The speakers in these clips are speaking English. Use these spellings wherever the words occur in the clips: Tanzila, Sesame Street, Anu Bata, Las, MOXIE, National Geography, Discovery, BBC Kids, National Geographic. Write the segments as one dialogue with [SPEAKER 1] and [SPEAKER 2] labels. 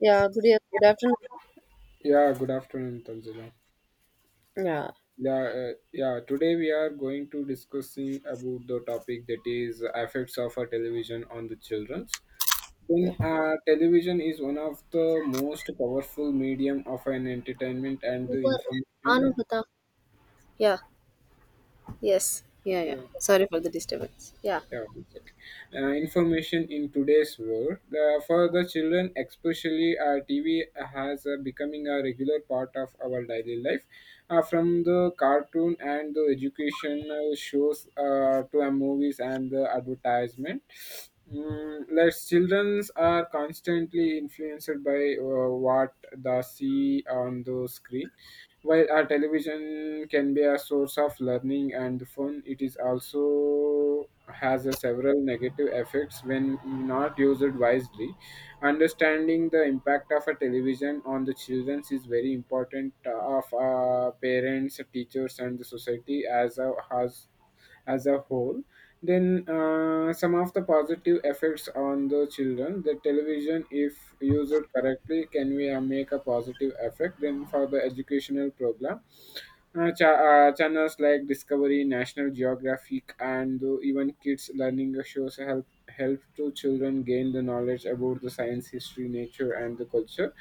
[SPEAKER 1] Good afternoon.
[SPEAKER 2] Yeah, good afternoon, Tanzila.
[SPEAKER 1] Yeah,
[SPEAKER 2] Yeah. Today we are going to discussing about the topic that is effects of a television on the childrens.
[SPEAKER 1] yeah,
[SPEAKER 2] Television is one of the most powerful medium of an entertainment and
[SPEAKER 1] Over.
[SPEAKER 2] the
[SPEAKER 1] Were Anu
[SPEAKER 2] information.
[SPEAKER 1] Bata. Yeah, yes. Yeah.
[SPEAKER 2] Yeah.
[SPEAKER 1] Sorry for the disturbance. Yeah.
[SPEAKER 2] Yeah, it's okay. Information in today's world for the children, especially TV has becoming a regular part of our daily life. From the cartoon and the educational shows to movies and the advertisement, like childrens are constantly influenced by what they see on the screen. While our television can be a source of learning and fun, it is also has a several negative effects when not used wisely. Understanding the impact of a television on the children is very important of parents, teachers, and the society as a has as a whole. Then some of the positive effects on the children, the television if used correctly can we make a positive effect. Then for the educational program, channels like Discovery, National Geographic, and even kids learning shows help to children gain the knowledge about the science, history, nature, and the culture.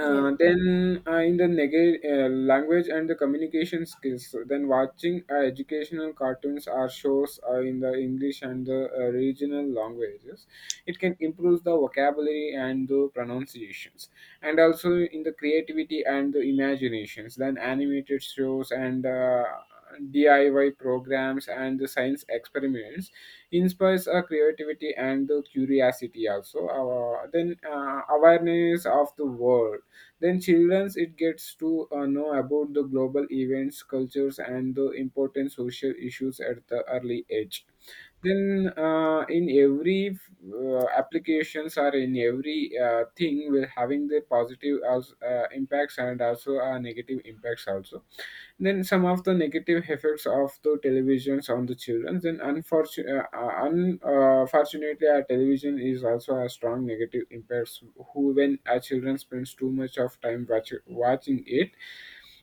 [SPEAKER 1] Yeah,
[SPEAKER 2] Then in the neg- Language and the communication skills. So, then watching educational cartoons or shows in the English and the regional languages, it can improve the vocabulary and the pronunciations. And also in the creativity and the imaginations, then animated shows and DIY programs and the science experiments inspires our creativity and the curiosity also. Then Awareness of the world, then childrens it gets to know about the global events, cultures, and the important social issues at the early age. Then In every applications or in every thing, we're having the positive as impacts and also negative impacts also. Then some of the negative effects of the televisions on the children, then unfortunately un- fortunately our television is also a strong negative impacts who when our children spends too much of time watching it.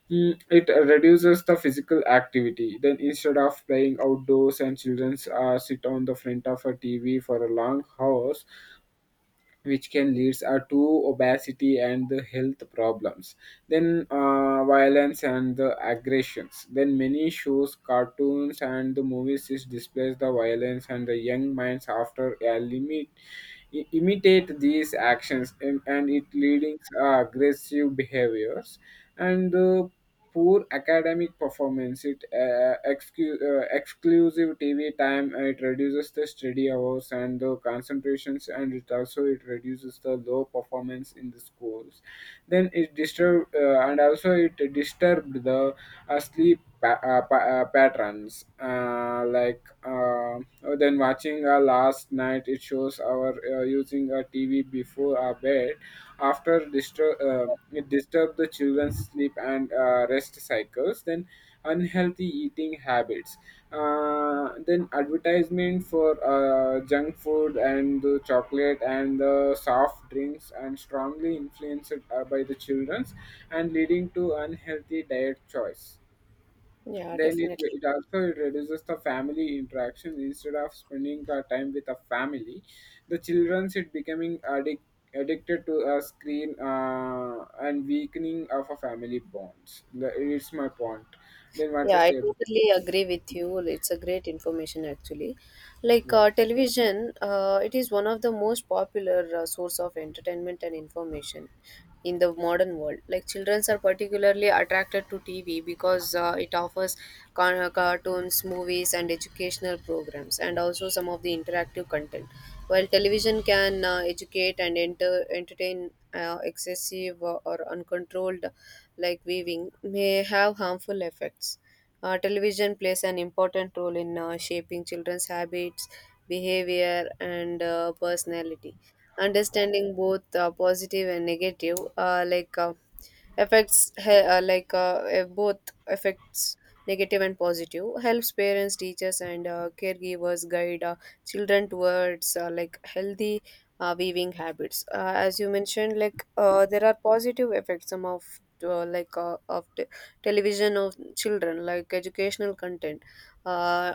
[SPEAKER 2] It reduces the physical activity. Then, instead of playing outdoors, and children sit on the front of a TV for a long hours, which can lead to obesity and the health problems. Then, violence and the aggressions. Then, many shows, cartoons, and the movies is displays the violence, and the young minds after a limit imitate these actions, and it leading aggressive behaviors and poor academic performance, it exclusive TV time, it reduces the study hours and the concentrations, and it also it reduces the low performance in the schools. Then it disturb and also it disturbed the sleep patterns. Then watching last night, it shows our using a TV before our bed. It disturb the children's sleep and rest cycles. Then unhealthy eating habits. Then advertisement for junk food and the chocolate and the soft drinks and strongly influenced by the childrens and leading to unhealthy diet choice.
[SPEAKER 1] yeah,
[SPEAKER 2] Then it,
[SPEAKER 1] definitely.
[SPEAKER 2] it also reduces the family interaction instead of spending time with a family. The children's it becoming addicted to a screen and weakening of a family bonds. It's my point. Then what
[SPEAKER 1] Yeah,
[SPEAKER 2] you
[SPEAKER 1] I
[SPEAKER 2] say?
[SPEAKER 1] totally agree with you. It's a great information actually.
[SPEAKER 2] Yeah,
[SPEAKER 1] Television, it is one of the most popular source of entertainment and information in the modern world. Like children are particularly attracted to TV because it offers cartoons, movies, and educational programs, and also some of the interactive content. While television can educate and entertain. Excessive or uncontrolled like weaving may have harmful effects. Television plays an important role in shaping children's habits, behavior, and personality. Understanding both positive and negative, affects he- like eh, both affects negative and positive, helps parents, teachers, and caregivers guide children towards healthy weaving habits. As you mentioned, there are positive effects. Some of uh, like uh, of t- television of children, like educational content. uh,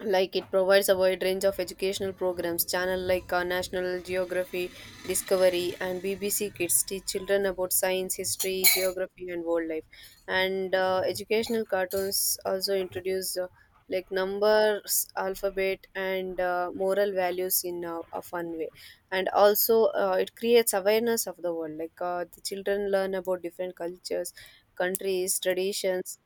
[SPEAKER 1] like it provides a wide range of educational programs. Channel national geography, discovery, and BBC kids teach children about science, history, geography, and wildlife. And educational cartoons also introduce numbers, alphabet, and moral values in a fun way. And also it creates awareness of the world. The children learn about different cultures, countries, traditions,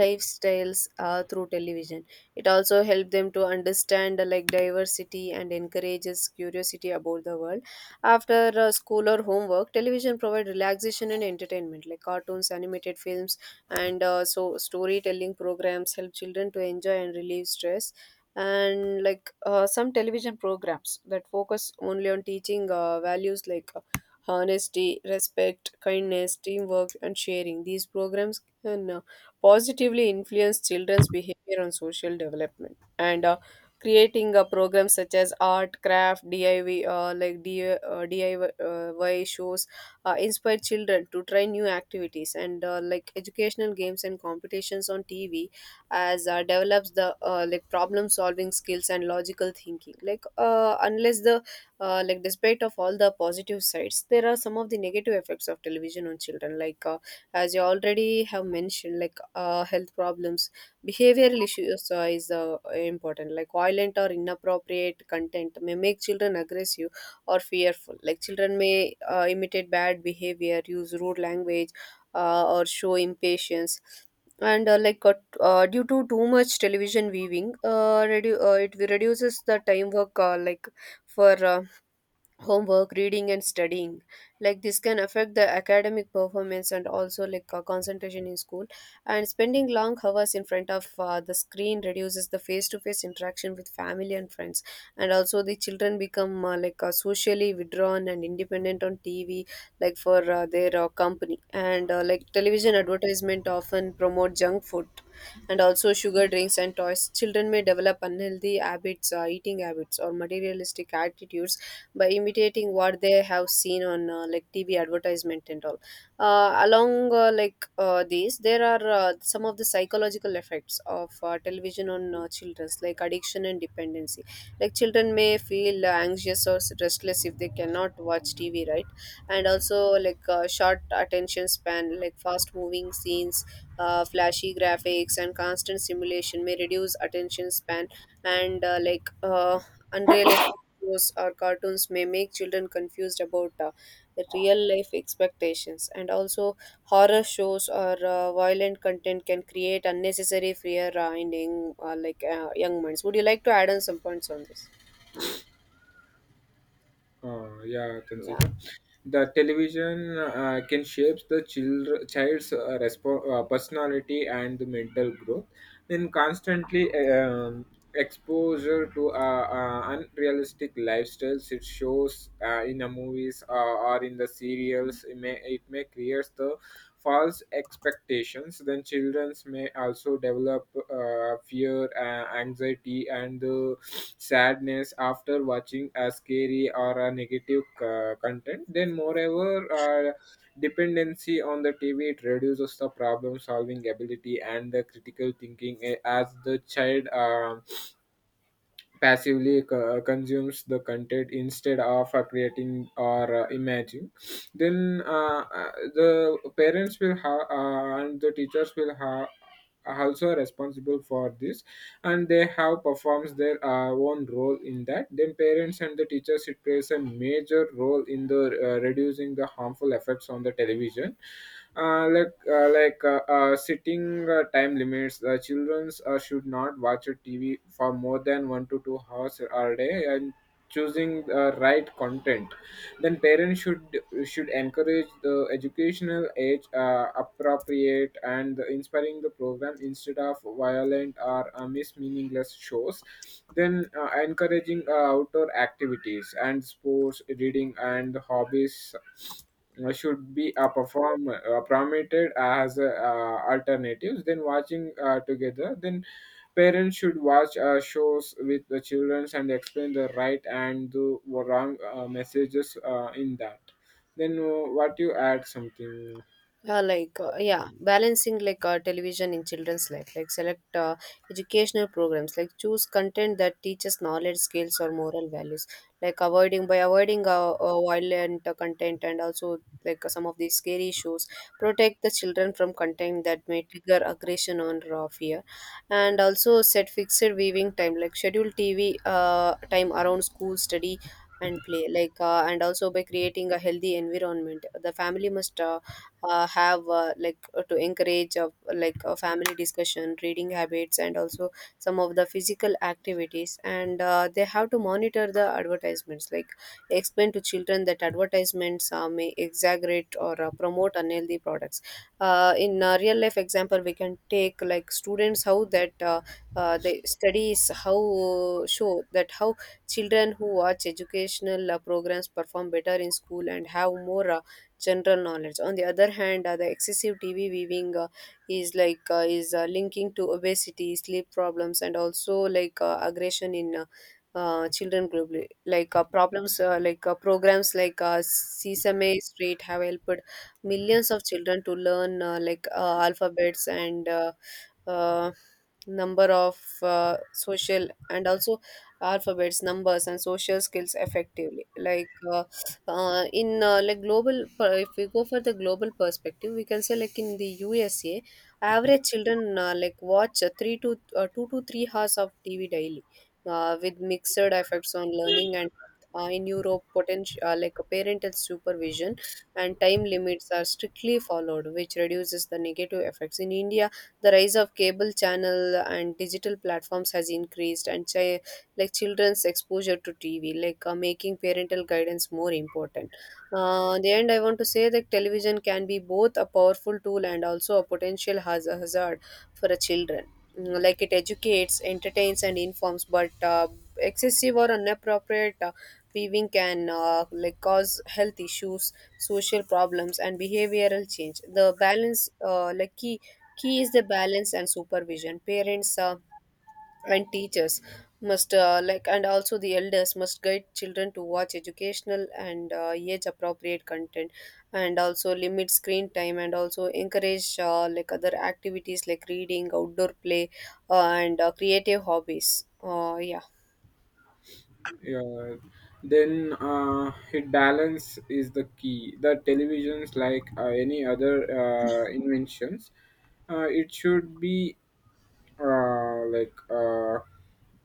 [SPEAKER 1] lifestyles through television. It also helped them to understand diversity and encourages curiosity about the world. After school or homework, television provide relaxation and entertainment, like cartoons, animated films, and storytelling programs help children to enjoy and relieve stress. And some television programs that focus only on teaching values like honesty, respect, kindness, teamwork, and sharing. These programs can positively influence children's behavior on social development. And creating programs such as art, craft, DIY, DIY shows inspire children to try new activities. And educational games and competitions on TV as develops the problem solving skills and logical thinking. Like unless the like Despite of all the positive sides, there are some of the negative effects of television on children, as you already have mentioned, like health problems, behavioral issues is important. Like violent or inappropriate content may make children aggressive or fearful. Like children may imitate bad behavior, use rude language, or show impatience. And like Due to too much television viewing, it reduces the time work, like for homework, reading, and studying. Like this can affect the academic performance and also concentration in school. And spending long hours in front of the screen reduces the face-to-face interaction with family and friends. And also the children become socially withdrawn and independent on TV for their company. And like Television advertisement often promote junk food and also sugar drinks and toys. Children may develop unhealthy habits, eating habits, or materialistic attitudes by imitating what they have seen on TV advertisement and all. Along like These, there are some of the psychological effects of television on children's, like addiction and dependency. Like children may feel anxious or restless if they cannot watch TV right. And also, short attention span. Like fast moving scenes, flashy graphics, and constant simulation may reduce attention span. And like Unrealistic shows or cartoons may make children confused about real life expectations. And also, horror shows or violent content can create unnecessary fear in young, young minds. Would you like to add on some points on this?
[SPEAKER 2] yeah,
[SPEAKER 1] Yeah.
[SPEAKER 2] Tanzila. The television can shape the children, child's personality and the mental growth. Then constantly exposure to unrealistic lifestyles, it shows in the movies or in the serials, it may create the false expectations. Then children may also develop fear, anxiety, and sadness after watching a scary or a negative content. Then moreover, dependency on the TV, it reduces the problem solving ability and the critical thinking as the child passively consumes the content instead of creating or imagining. The parents will have and the teachers will have also responsible for this, and they have performs their own role in that. Then parents and the teachers it plays a major role in the reducing the harmful effects on the television. Sitting time limits. Children should not watch a TV for more than 1 to 2 hours a day, and choosing the right content. Then parents should encourage the educational age appropriate and inspiring the program instead of violent or mis meaningless shows. Then encouraging outdoor activities and sports, reading and hobbies should be perform promoted as alternatives. Then watching together, then parents should watch shows with the children and explain the right and the wrong messages in that. Then what you add something.
[SPEAKER 1] Yeah, balancing television in children's life. Like select educational programs. Like choose content that teaches knowledge, skills, or moral values. Like avoiding by avoiding violent content and also some of these scary shows, protect the children from content that may trigger aggression or fear. And also set fixed viewing time, like schedule TV time around school, study, and play. And also by creating a healthy environment, the family must have to encourage a family discussion, reading habits, and also some of the physical activities. And they have to monitor the advertisements. Like explain to children that advertisements may exaggerate or promote unhealthy products. In real life example, we can take, like, students, how that the studies how show that how children who watch educational programs perform better in school and have more general knowledge. On the other hand, the excessive TV viewing is linking to obesity, sleep problems, and also aggression in children globally. Like problems, like Programs like Sesame Street have helped millions of children to learn alphabets and uh, number of social and also alphabets, numbers, and social skills effectively. Like in like global per- If we go for the global perspective, we can say, like, in the USA, average children watch 3 to 2 to 3 hours of TV daily, with mixed effects on learning. And in Europe, potential parental supervision and time limits are strictly followed, which reduces the negative effects. In India, the rise of cable channel and digital platforms has increased and chi like children's exposure to TV, making parental guidance more important. In the end, I want to say that television can be both a powerful tool and also a potential hazard for a children. Mm. Like it educates, entertains, and informs, but excessive or inappropriate viewing can cause health issues, social problems, and behavioral change. The balance, like key key is the balance and supervision. Parents and teachers must and also the elders must guide children to watch educational and age appropriate content, and also limit screen time, and also encourage other activities like reading, outdoor play, and creative hobbies. Yeah.
[SPEAKER 2] Yeah. then It balance is the key. The televisions like any other inventions, it should be uh, like uh,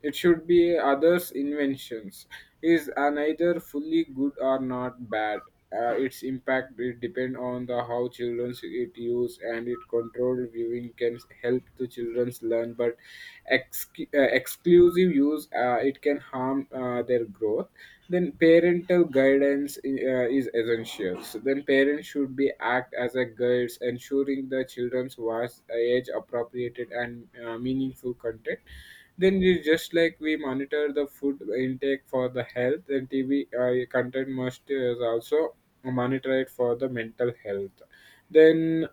[SPEAKER 2] it should be others' inventions. Is are neither fully good or not bad. Its impact it depend on the how children it use, and it controlled viewing can help the children's learn, but exclusive use it can harm their growth. Then parental guidance is essential. So then parents should be act as a guides, ensuring the children's was age appropriated and meaningful content. Then you just like we monitor the food intake for the health, then TV content must is also monitor it for the mental health. Then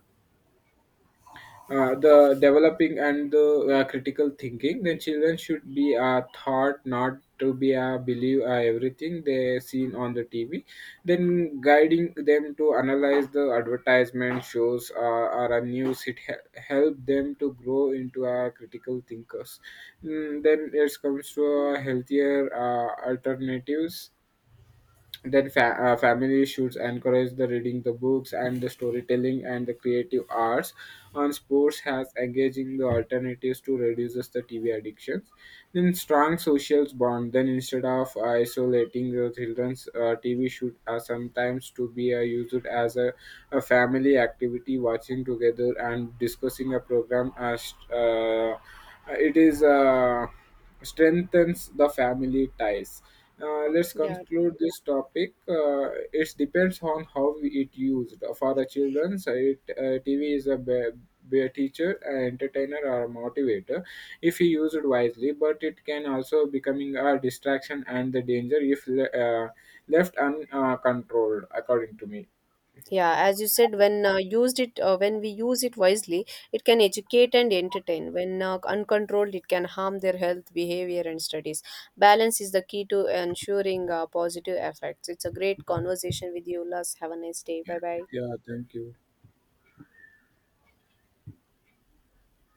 [SPEAKER 2] the developing and the critical thinking, then children should be taught not to be believe everything they seen on the TV. Then guiding them to analyze the advertisement shows or a news help them to grow into a critical thinkers. Then it comes to healthier alternatives, then families should encourage the reading the books and the storytelling and the creative arts on sports has engaging the alternatives to reduces the TV addictions. Then strong social bond. Then instead of isolating the children's, TV should sometimes to be used as a family activity, watching together and discussing a program. As it is strengthens the family ties. Let's
[SPEAKER 1] Yeah.
[SPEAKER 2] conclude this topic. It depends on how it used. For the children, so it, TV be a teacher, an entertainer, or a motivator if used wisely, but it can also becoming a distraction and the danger if left uncontrolled, according to me.
[SPEAKER 1] Yeah, as you said, when when we use it wisely, it can educate and entertain. When uncontrolled, it can harm their health, behavior, and studies. Balance is the key to ensuring positive effects. It's a great conversation with you, Las. Have a nice day. Bye bye.
[SPEAKER 2] Yeah, thank you.